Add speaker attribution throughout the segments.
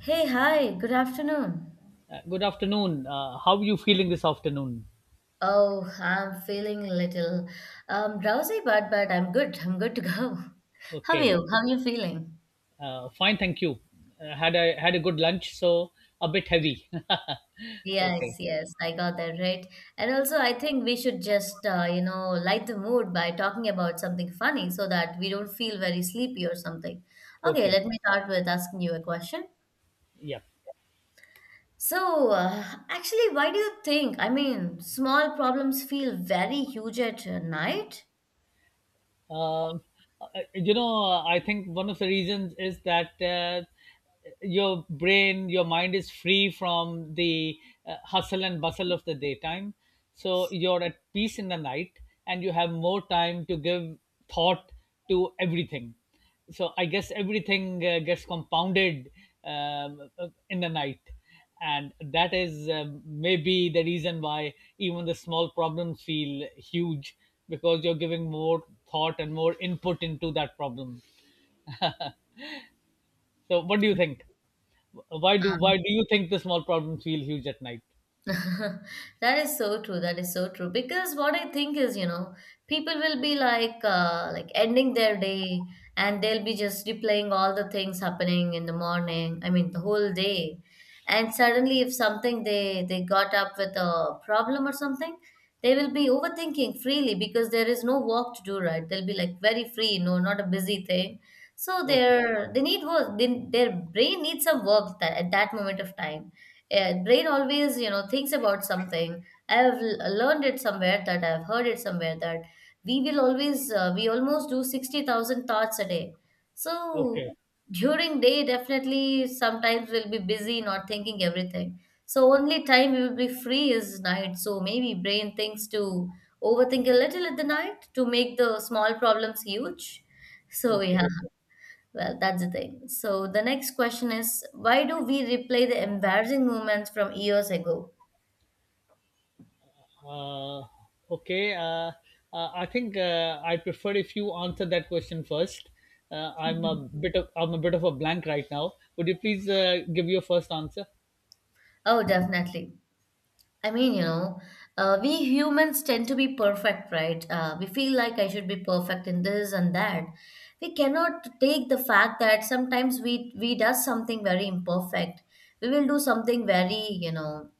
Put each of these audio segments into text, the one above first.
Speaker 1: Hey, hi, good afternoon.
Speaker 2: Good afternoon. How are you feeling this afternoon?
Speaker 1: Oh, I'm feeling a little drowsy, but I'm good. I'm good to go. How are
Speaker 2: Okay,
Speaker 1: you? How are you feeling?
Speaker 2: fine, thank you. Had I had a good lunch, so a bit heavy.
Speaker 1: Yes,
Speaker 2: Okay,
Speaker 1: yes, I got that right. And also, I think we should just light the mood by talking about something funny so that we don't feel very sleepy or something. Okay,
Speaker 2: okay,
Speaker 1: let me start with asking you a question.
Speaker 2: yeah.
Speaker 1: So, actually, why do you think? I mean, small problems feel very huge at night.
Speaker 2: Um, I think one of the reasons is that your brain, your mind is free from the hustle and bustle of the daytime, so you're at peace in the night, and you have more time to give thought to everything. So I guess everything gets compounded in the night. And that is maybe the reason why even the small problems feel huge because you're giving more thought and more input into that problem. So what do you think? why do
Speaker 1: Um,
Speaker 2: why do you think the small problems feel huge at night?
Speaker 1: That is so true. That is so true. Because what I think is, you know, people will be like ending their day, and they'll be just replaying all the things happening in the morning. I mean, the whole day. And suddenly, if something, they got up with a problem or something, they will be overthinking freely because there is no work to do, right? They'll be like very free, no, not a busy thing. So
Speaker 2: Okay,
Speaker 1: their they need work. They, their brain needs some work that, at that moment of time, yeah, brain always thinks about something. I have learned it somewhere, that I've heard it somewhere, that we will always we almost do 60,000 thoughts a day. So
Speaker 2: okay,
Speaker 1: during day, definitely sometimes we'll be busy not thinking everything, so only time we will be free is night, so maybe brain thinks to overthink a little at the night to make the small problems huge. So
Speaker 2: okay.
Speaker 1: yeah, well, that's the thing. So the next question is, why do we replay the embarrassing moments from years ago?
Speaker 2: Uh, okay. I think I prefer if you answer that question first.
Speaker 1: Mhm.
Speaker 2: I'm a bit of a blank right now. Would you please give your first answer?
Speaker 1: Oh, definitely. I mean, you know, we humans tend to be perfect, right? We feel like I should be perfect in this and that. We cannot take the fact that sometimes we does something very imperfect. We will do something very, you know,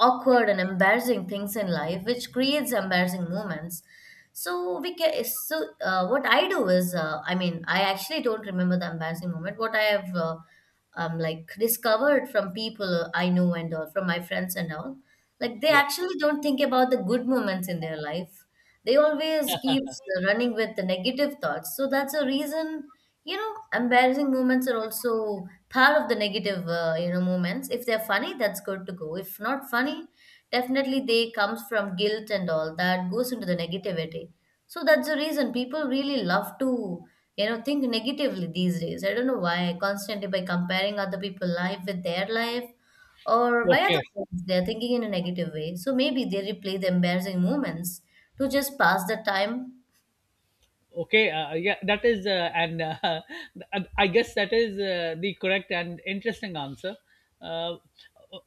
Speaker 1: awkward and embarrassing things in life, which creates embarrassing moments. So we can. So what I do is, I mean, I actually don't remember the embarrassing moment. What I have. Like discovered from people I know and all, from my friends and all. Like they
Speaker 2: Yeah.
Speaker 1: actually don't think about the good moments in their life. They always keeps running with the negative thoughts. So that's a reason, you know, embarrassing moments are also part of the negative, you know, moments. If they're funny, that's good to go. If not funny, definitely they comes from guilt and all that goes into the negativity. So that's the reason people really love to, you know, think negatively these days. I don't know why, constantly by comparing other people's life with their life or by other
Speaker 2: Okay.
Speaker 1: things, they are thinking in a negative way. So maybe they replay the embarrassing moments to just pass the time.
Speaker 2: Okay. Yeah. That is, and I guess that is the correct and interesting answer. Uh,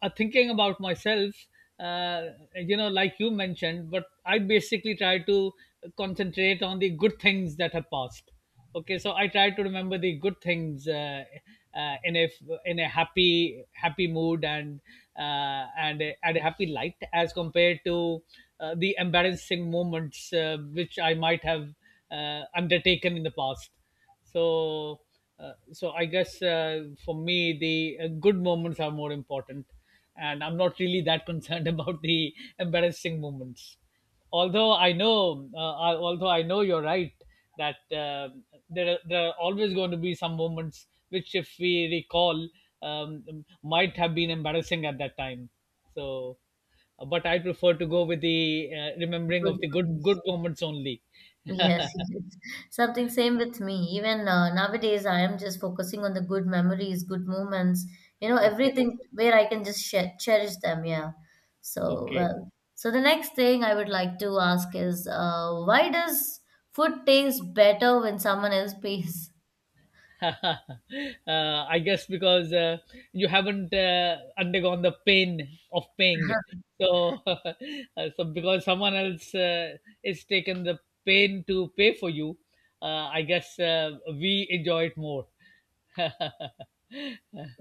Speaker 2: Thinking about myself, uh, like you mentioned, but I basically try to concentrate on the good things that have passed. Okay, so I try to remember the good things, uh, in a in a happy happy mood, and a happy light, as compared to the embarrassing moments which I might have undertaken in the past. so uh, so I guess, for me, the good moments are more important, and I'm not really that concerned about the embarrassing moments. Although I know, although I know you're right that uh, there are always going to be some moments which, if we recall, um, might have been embarrassing at that time. So, but I prefer to go with the remembering
Speaker 1: Good
Speaker 2: of the good
Speaker 1: ones.
Speaker 2: good moments only.
Speaker 1: Yes, yes. Something same with me. Even nowadays, I am just focusing on the good memories, good moments, you know,
Speaker 2: Okay,
Speaker 1: everything where I can just share, cherish them. Yeah. So,
Speaker 2: okay.
Speaker 1: well, so the next thing I would like to ask is why does food taste better when someone else pays?
Speaker 2: I guess because you haven't undergone the pain of paying. So, so because someone else is taken the pain to pay for you, I guess we enjoy it more. So,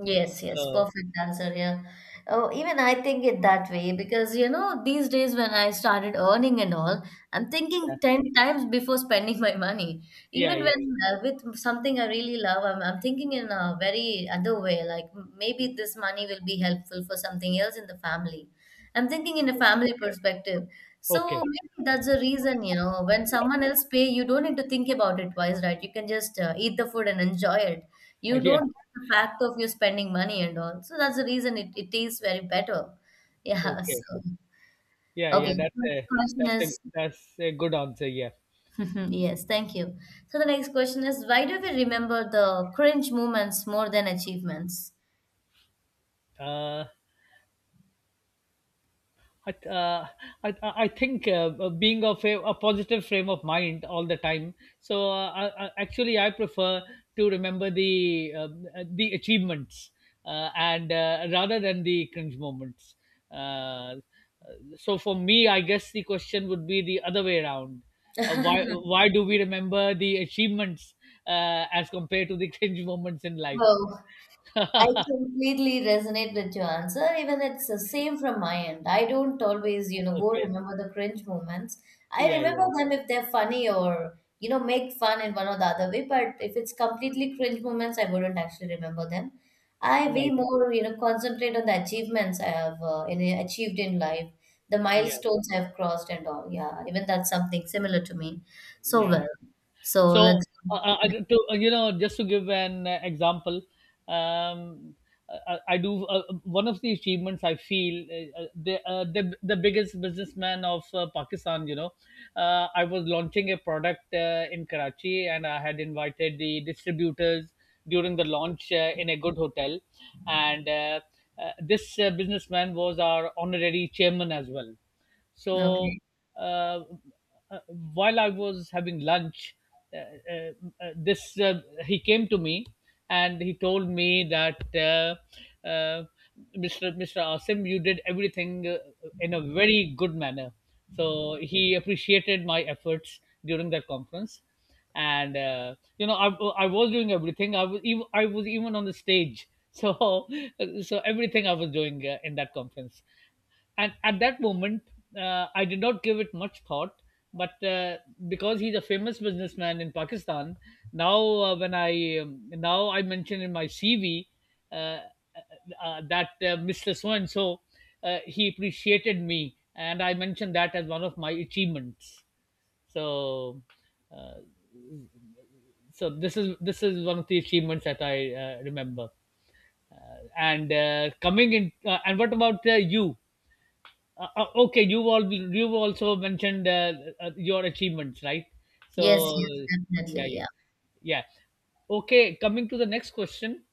Speaker 1: Yes, yes, perfect answer here. Oh, even I think it that way, because you know, these days when I started earning and all, I'm
Speaker 2: yeah,
Speaker 1: thinking 10 times before spending my money.
Speaker 2: yeah,
Speaker 1: Even
Speaker 2: yeah.
Speaker 1: when with something I really love, I'm thinking in a very other way, like maybe this money will be helpful for something else in the family. I'm thinking in a family perspective. So
Speaker 2: Okay.
Speaker 1: maybe that's the reason, you know, when someone else pay, you don't need to think about it twice, right? You can just eat the food and enjoy it. You
Speaker 2: Yeah.
Speaker 1: don't get the fact of you spending money and all. So that's the reason it is very better. Yeah.
Speaker 2: Okay.
Speaker 1: So,
Speaker 2: Yeah,
Speaker 1: okay.
Speaker 2: yeah. That's
Speaker 1: Next
Speaker 2: a
Speaker 1: question
Speaker 2: that's a
Speaker 1: is,
Speaker 2: that's a good answer. Yeah.
Speaker 1: yes, thank you. So the next question is, why do we remember the cringe moments more than achievements?
Speaker 2: Uh, I, uh, I think, being of a positive frame of mind all the time. So actually, I prefer to remember the achievements, and rather than the cringe moments. Uh, uh, so for me, I guess the question would be the other way around. Why do we remember the achievements as compared to the cringe moments in life?
Speaker 1: Oh. I completely resonate with your answer. Even it's the same from my end. I don't always, you know, go
Speaker 2: Okay.
Speaker 1: remember the cringe moments. I
Speaker 2: Yeah.
Speaker 1: remember
Speaker 2: Yeah.
Speaker 1: them if they're funny or, you know, make fun in one or the other way. But if it's completely cringe moments, I wouldn't actually remember them. I way
Speaker 2: Right.
Speaker 1: more, you know, concentrate on the achievements I have achieved in life, the
Speaker 2: Yeah.
Speaker 1: milestones I've crossed and all. Yeah, even that's something similar to me. So
Speaker 2: Yeah.
Speaker 1: well. So
Speaker 2: So,
Speaker 1: let's.
Speaker 2: uh, just to give an example, um, uh, I do one of the achievements. I feel the biggest businessman of Pakistan. You know, I was launching a product in Karachi, and I had invited the distributors during the launch in a good hotel. And this businessman was our honorary chairman as well.
Speaker 1: Yeah,
Speaker 2: so
Speaker 1: okay.
Speaker 2: uh, uh, while I was having lunch, uh, uh, this he came to me and he told me that, Mr. Asim, you did everything in a very good manner. So he appreciated my efforts during that conference, and I was doing everything. I was even on the stage. So everything I was doing in that conference. And at that moment, I did not give it much thought, but because he's a famous businessman in Pakistan now. When I Now I mention in my CV, uh, uh, that Mr. so and so, he appreciated me, and I mentioned that as one of my achievements. So uh, so this is one of the achievements that I remember. And coming in And what about you? Okay, you've also mentioned your achievements, right?
Speaker 1: Yes,
Speaker 2: So
Speaker 1: yes,
Speaker 2: yeah,
Speaker 1: definitely.
Speaker 2: yeah,
Speaker 1: Yeah.
Speaker 2: yeah. Okay, coming to the next question: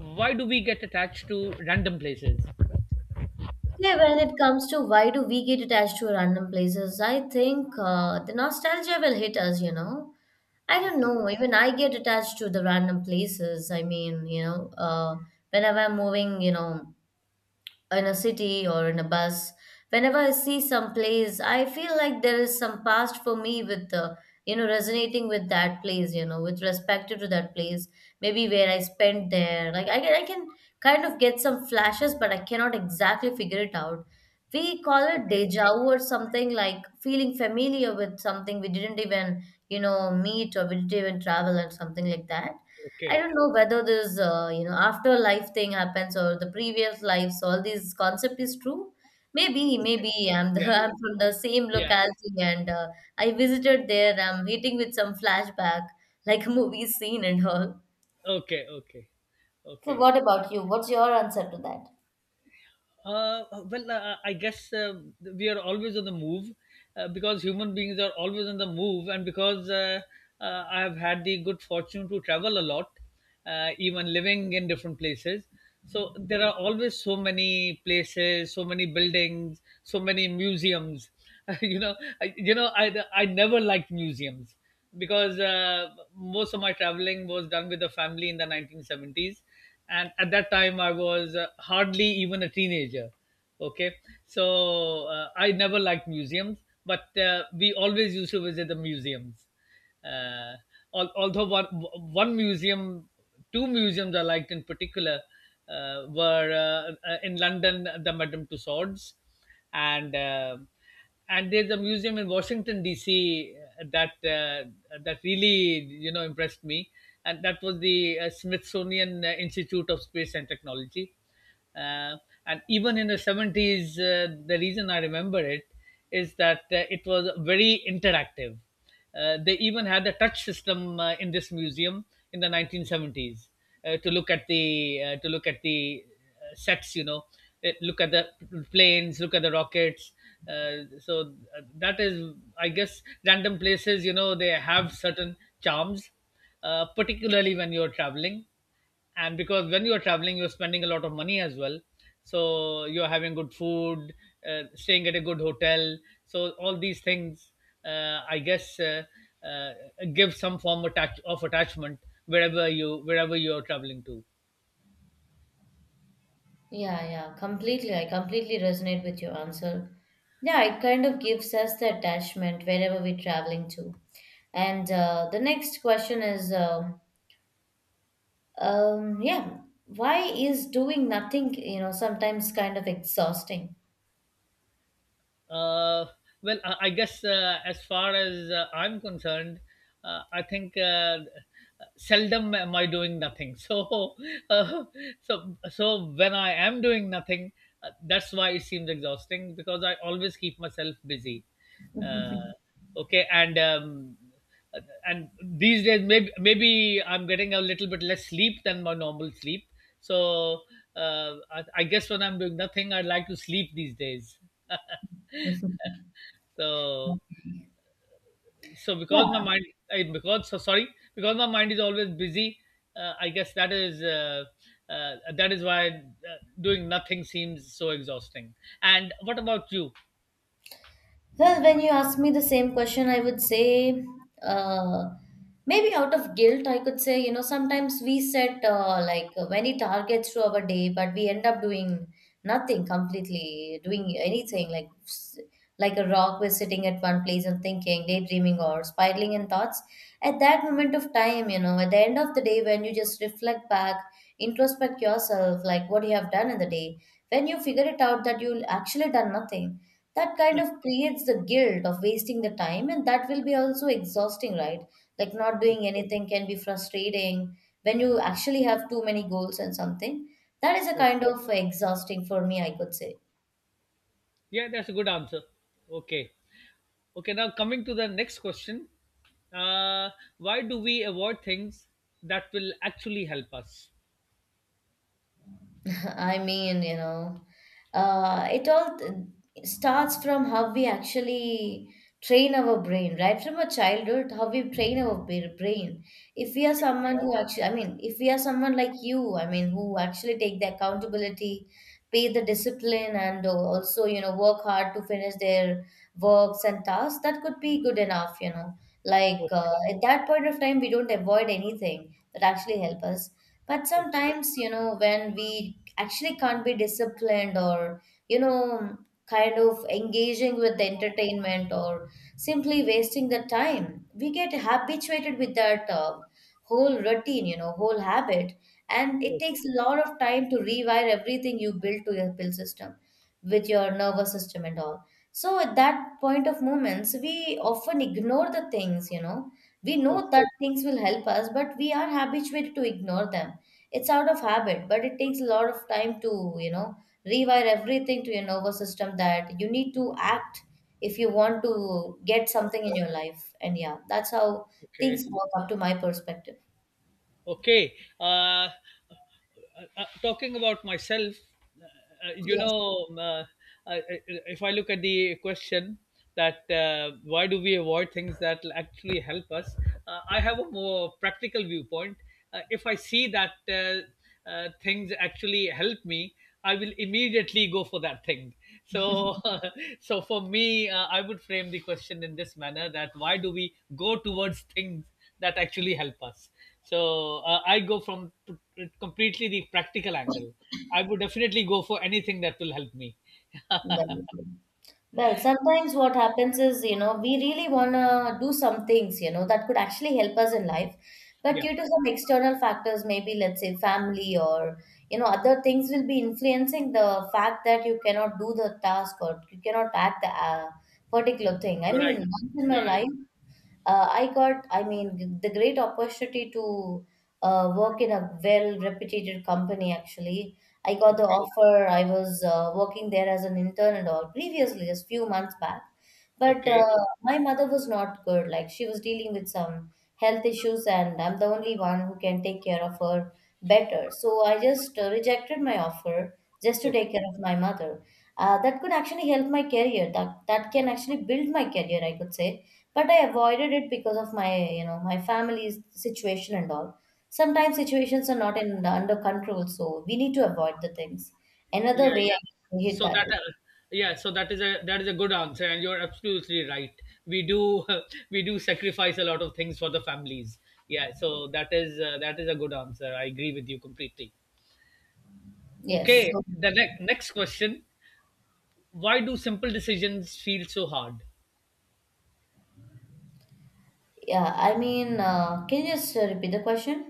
Speaker 2: why do we get attached to random places?
Speaker 1: Yeah, when it comes to why do we get attached to random places, I think the nostalgia will hit us, you know. I don't
Speaker 2: Okay,
Speaker 1: know, even I get attached to the random places. I mean, you know, whenever I'm moving, you know, in a city or in a bus. Whenever I see some place, I feel like there is some past for me with the you know resonating with that place, you know, with respect to that place. Maybe where I spent there. Like I can kind of get some flashes, but I cannot exactly figure it out. We call it
Speaker 2: okay,
Speaker 1: deja vu or something, like feeling familiar with something we didn't even, you know, meet or we didn't even travel and something like that. I
Speaker 2: okay,
Speaker 1: don't know whether this, you know, afterlife thing happens or the previous lives, all these concept is true. Maybe,
Speaker 2: okay.
Speaker 1: maybe I'm the,
Speaker 2: Yeah,
Speaker 1: I'm from the same
Speaker 2: yeah, yeah, yeah.
Speaker 1: locality and I visited there. I'm meeting with some flashback, like a movie scene and all.
Speaker 2: Okay, okay,
Speaker 1: So,
Speaker 2: okay.
Speaker 1: what about you? What's your answer to that?
Speaker 2: Well, I guess we are always on the move, because human beings are always on the move. And because I have had the good fortune to travel a lot, even living in different places. So there are always so many places, so many buildings, so many museums. you know, you know, I never liked museums because most of my traveling was done with the family in the 1970s, and at that time I was hardly even a teenager. Okay, so I never liked museums, but we always used to visit the museums. Uh, al- although one museum, two museums I liked in particular were, in London, the Madame Tussauds, and there's a museum in Washington D.C. that, that really impressed me, and that was the Smithsonian Institute of Space and Technology. uh, and even in the 70s, the reason I remember it is that it was very interactive. They even had a touch system in this museum in the 1970s, to look at the sets. You know, look at the planes, look at the rockets. Uh, so that is, I guess, random places. You know, they have certain charms, particularly when you're traveling. And because when you're traveling, you're spending a lot of money as well, so you're having good food, staying at a good hotel. So all these things, I guess, uh, give some form, of attachment, wherever you're traveling to.
Speaker 1: Yeah, yeah, completely. I completely resonate with your answer. Yeah, it kind of gives us the attachment wherever we're traveling to. And the next question is yeah. Why is doing nothing, you know, sometimes kind of exhausting?
Speaker 2: Uh, well, I guess, as far as I'm concerned, I think seldom am I doing nothing. So, uh, when I am doing nothing, that's why it seems exhausting, because I always keep myself busy. Uh, okay, and these days maybe, I'm getting a little bit less sleep than my normal sleep. So I guess when I'm doing nothing, I like to sleep these days. So,
Speaker 1: Yeah.
Speaker 2: because my mind I because so sorry, because my mind is always busy. I guess that is why, doing nothing seems so exhausting. And what about you?
Speaker 1: Well, when you ask me the same question, I would say uh, maybe out of guilt, I could say, you know, sometimes we set like many targets to our day, but we end up doing nothing completely, doing anything like like a rock, we're sitting at one place and thinking, daydreaming, or spiraling in thoughts. At that moment of time, you know, at the end of the day, when you just reflect back, introspect yourself, like what you have done in the day, when you figure it out that you actually done nothing, that kind of creates the guilt of wasting the time, and that will be also exhausting, right? Like not doing anything can be frustrating when you actually have too many goals and something. That is a kind of exhausting for me, I could say.
Speaker 2: Yeah, that's a good answer. Okay, okay. Now coming to the next question: uh, why do we avoid things that will actually help us?
Speaker 1: I mean, you know, it all starts from how we actually train our brain, right? From a childhood, how we train our brain. If we are someone who actually, I mean, if we are someone like you, I mean, who actually take the accountability, pay the discipline, and also, you know, work hard to finish their works and tasks, that could be good enough, you know. Like
Speaker 2: Okay, okay,
Speaker 1: at that point of time, we don't avoid anything that actually help us. But
Speaker 2: okay,
Speaker 1: sometimes, you know, when we actually can't be disciplined or you know kind of engaging with the entertainment or simply wasting the time, we get habituated with that whole routine, you know, whole habit, and
Speaker 2: okay,
Speaker 1: it
Speaker 2: okay,
Speaker 1: takes a lot of time to rewire everything you built to your pill system with your nervous system and all. So at that point of moments we often ignore the things, you know, we know that
Speaker 2: okay,
Speaker 1: things will help us but we are habituated to ignore them. It's out of habit, but it takes a lot of time to you know rewire everything to your nervous system, that you need to act if you want to get something in your life. And yeah, that's how
Speaker 2: okay.
Speaker 1: things work up to my perspective.
Speaker 2: Okay. Uh, Talking about myself, uh, uh, you
Speaker 1: Yes,
Speaker 2: know, um, uh, if I look at the question, that, why do we avoid things that actually help us, I have a more practical viewpoint. If I see that things actually help me, I will immediately go for that thing. So, so for me, I would frame the question in this manner: that why do we go towards things that actually help us? So I go from completely the practical angle. I would definitely go for anything that will help me.
Speaker 1: definitely. Well, sometimes what happens is, you know, we really want to do some things, you know, that could actually help us in life. But
Speaker 2: Yeah,
Speaker 1: due to some external factors, maybe let's say family or, you know, other things will be influencing the fact that you cannot do the task or you cannot act the particular thing. I
Speaker 2: you're
Speaker 1: mean,
Speaker 2: right.
Speaker 1: once in my
Speaker 2: You're right.
Speaker 1: life, I got, I mean, the great opportunity to work in a well reputed company, actually. I got the
Speaker 2: Okay.
Speaker 1: offer, I was working there as an intern and all previously, just few months back. But
Speaker 2: Okay.
Speaker 1: my mother was not good. Like she was dealing with some health issues, and I'm the only one who can take care of her better. So I just rejected my offer just to
Speaker 2: Okay.
Speaker 1: take care of my mother. That could actually help my career. That can actually build my career, I could say, but I avoided it because of my, you know, my family's situation and all. Sometimes situations are not in under control, so we need to avoid the things.
Speaker 2: Yeah.
Speaker 1: Another way
Speaker 2: Yeah.
Speaker 1: I can hit
Speaker 2: So
Speaker 1: that.
Speaker 2: that. Yeah, so that is a good answer, and you're absolutely right. We do We do sacrifice a lot of things for the families. Yeah, that is a good answer. I agree with you completely.
Speaker 1: Yes.
Speaker 2: Okay,
Speaker 1: So,
Speaker 2: the next question: why do simple decisions feel so hard?
Speaker 1: yeah, I mean, can you just repeat the question?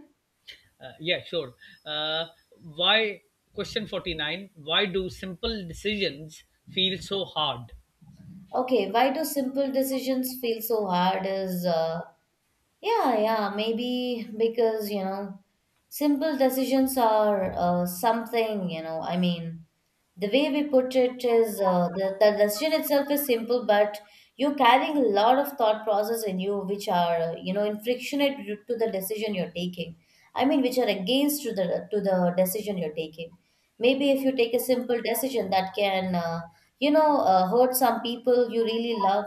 Speaker 2: Yeah, sure. Uh, why Question 49, why do simple decisions feel so hard?
Speaker 1: Okay, why do simple decisions feel so hard is yeah, yeah, maybe because, you know, simple decisions are something, you know, I mean, the way we put it is the decision itself is simple, but you're carrying a lot of thought process in you, which are you know, infrictionate to the decision you're taking. I mean, which are against to the decision you're taking. Maybe if you take a simple decision that can you know, hurt some people you really love,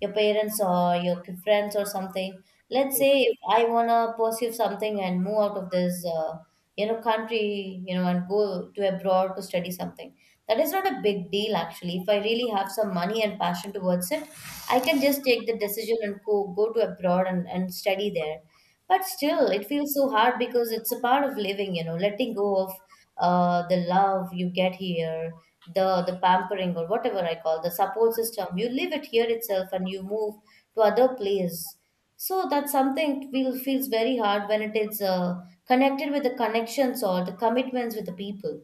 Speaker 1: your parents or your friends or something. Let's
Speaker 2: Okay.
Speaker 1: say if I wanna pursue something and move out of this you know, country, you know, and go to abroad to study something. That is not a big deal actually. If I really have some money and passion towards it, I can just take the decision and go to abroad and study there. But still, it feels so hard because it's a part of living, you know, letting go of the love you get here, the pampering or whatever I call the support system. You leave it here itself and you move to other place. So that's something feels very hard when it is connected with the connections or the commitments with the people.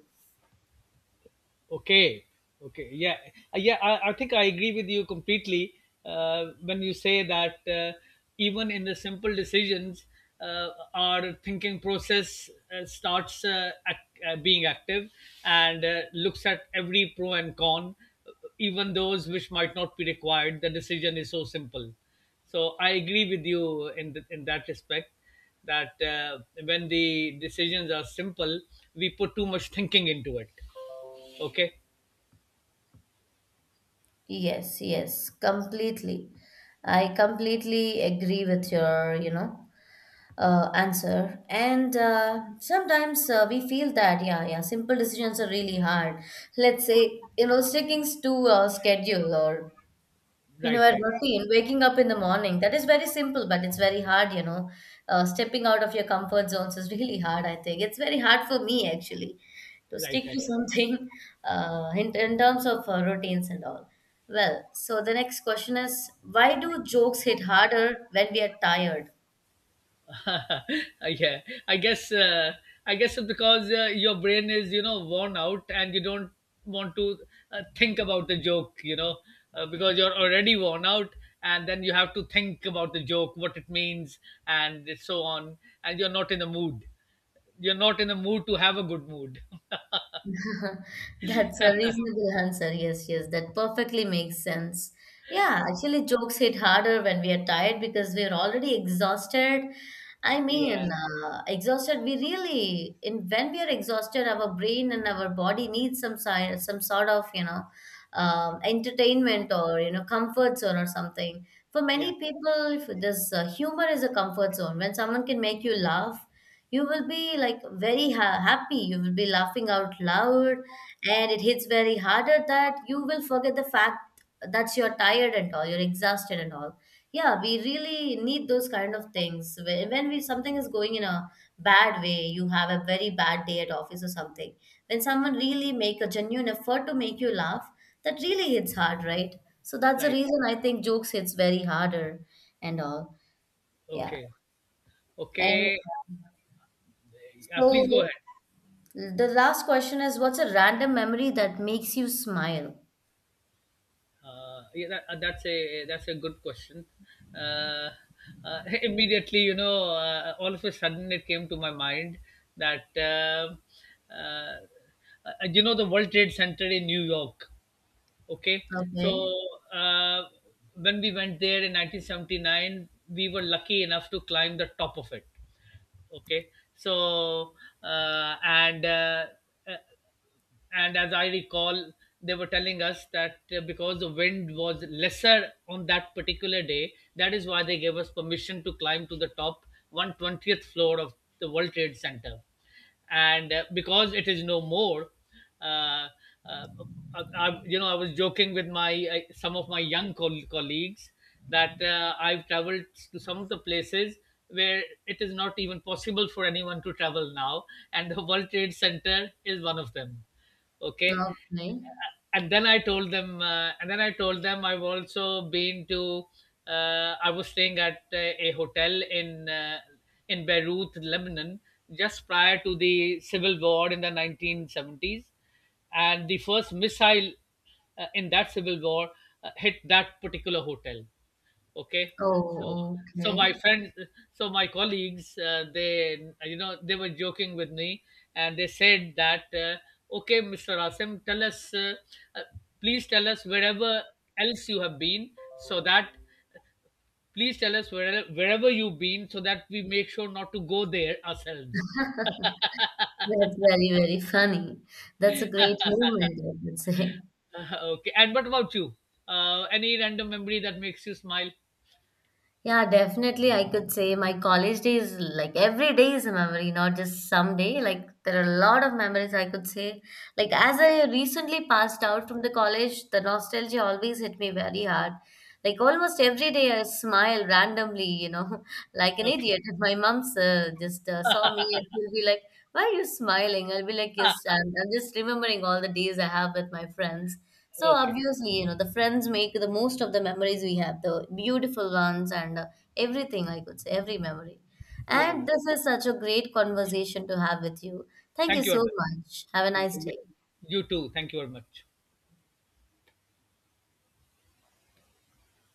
Speaker 2: Okay, okay, yeah. Yeah. I think I agree with you completely, when you say that even in the simple decisions, our thinking process starts, being active, and looks at every pro and con, even those which might not be required. The decision is so simple. So I agree with you in that respect, that when the decisions are simple, we put too much thinking into it. Okay,
Speaker 1: Yes, yes, completely. I completely agree with your, you know, answer. And sometimes we feel that, yeah, yeah, simple decisions are really hard. Let's say, you know, sticking to a schedule or you know,
Speaker 2: right,
Speaker 1: a
Speaker 2: right,
Speaker 1: routine, waking up in the morning, that is very simple, but it's very hard, you know. Stepping out of your comfort zones is really hard, I think. It's very hard for me, actually, to stick
Speaker 2: right,
Speaker 1: to something in terms of routines and all. Well, so the next question is, why do jokes hit harder when we are tired?
Speaker 2: right. Yeah, i guess uh, I guess, because your brain is, worn out, and you don't want to think about the joke, because you're already worn out, and then you have to think about the joke, what it means, and so on. And you're not in the mood to have a good mood.
Speaker 1: That's a reasonable answer. Yes, yes, that perfectly makes sense. Yeah, actually, jokes hit harder when we are tired because we are already exhausted. I mean,
Speaker 2: Yeah,
Speaker 1: exhausted. We really, in when we are exhausted, our brain and our body needs some sort of, you know, entertainment or, you know, comfort zone or something. For
Speaker 2: yeah.
Speaker 1: many people, if this humor is a comfort zone. When someone can make you laugh, you will be like very happy, you will be laughing out loud, and it hits very harder that you will forget the fact that you're tired and all, you're exhausted and all. Yeah, we really need those kind of things. When we something is going in a bad way, you have a very bad day at office or something. When someone really make a genuine effort to make you laugh, that really hits hard, right? So that's the
Speaker 2: Right.
Speaker 1: reason I think jokes hits very harder and all. Yeah.
Speaker 2: Okay,
Speaker 1: And
Speaker 2: okay.
Speaker 1: um, so,
Speaker 2: Please go ahead.
Speaker 1: the last question is, what's a random memory that makes you smile?
Speaker 2: Yeah, that's a good question. Uh, Immediately, all of a sudden, it came to my mind that, uh, the World Trade Center in New York. Okay, so
Speaker 1: Okay.
Speaker 2: uh, when we went there in 1979, we were lucky enough to climb the top of it. Okay, so uh, and uh, uh, and as I recall, they were telling us that, because the wind was lesser on that particular day, that is why they gave us permission to climb to the top, 120th floor of the World Trade Center. And because it is no more, uh, uh, I was joking with my, some of my young, colleagues, that, I've traveled to some of the places where it is not even possible for anyone to travel now, and the World Trade Center is one of them. Okay.
Speaker 1: Okay.
Speaker 2: and then I told them and then I told them I've also been to I was staying at a hotel in Beirut, Lebanon, just prior to the civil war in the 1970s, and the first missile, in that civil war, hit that particular hotel. Okay. so
Speaker 1: Oh,
Speaker 2: so my
Speaker 1: okay.
Speaker 2: friends so my colleagues, they you know they were joking with me, and they said that, okay Mr. Asim, tell us uh, please tell us wherever else you have been, so that please tell us where, wherever you've been, so that we make sure not to go there ourselves.
Speaker 1: That's very, very funny. That's a great moment, I would say.
Speaker 2: Okay. And what about you? Any random memory that makes you smile?
Speaker 1: Yeah, definitely. I could say my college days, like every day is a memory, not just some day. Like there are a lot of memories I could say. Like
Speaker 2: Yeah.
Speaker 1: as I recently passed out from the college, the nostalgia always hit me very hard. Like almost every day I smile randomly, you know, like an
Speaker 2: Okay,
Speaker 1: idiot. If my mom's just saw me and she'll be like, why are you smiling? I'll be like, yes, I'm just remembering all the days I have with my friends. So
Speaker 2: okay.
Speaker 1: obviously, you know, the friends make the most of the memories we have, the beautiful ones and everything, I could say, every memory.
Speaker 2: Yeah,
Speaker 1: And
Speaker 2: yeah.
Speaker 1: this is such a great conversation to have with you. Thank you
Speaker 2: Thank you
Speaker 1: so
Speaker 2: very much.
Speaker 1: much. Have a nice
Speaker 2: Yeah.
Speaker 1: day.
Speaker 2: You too, thank you very much.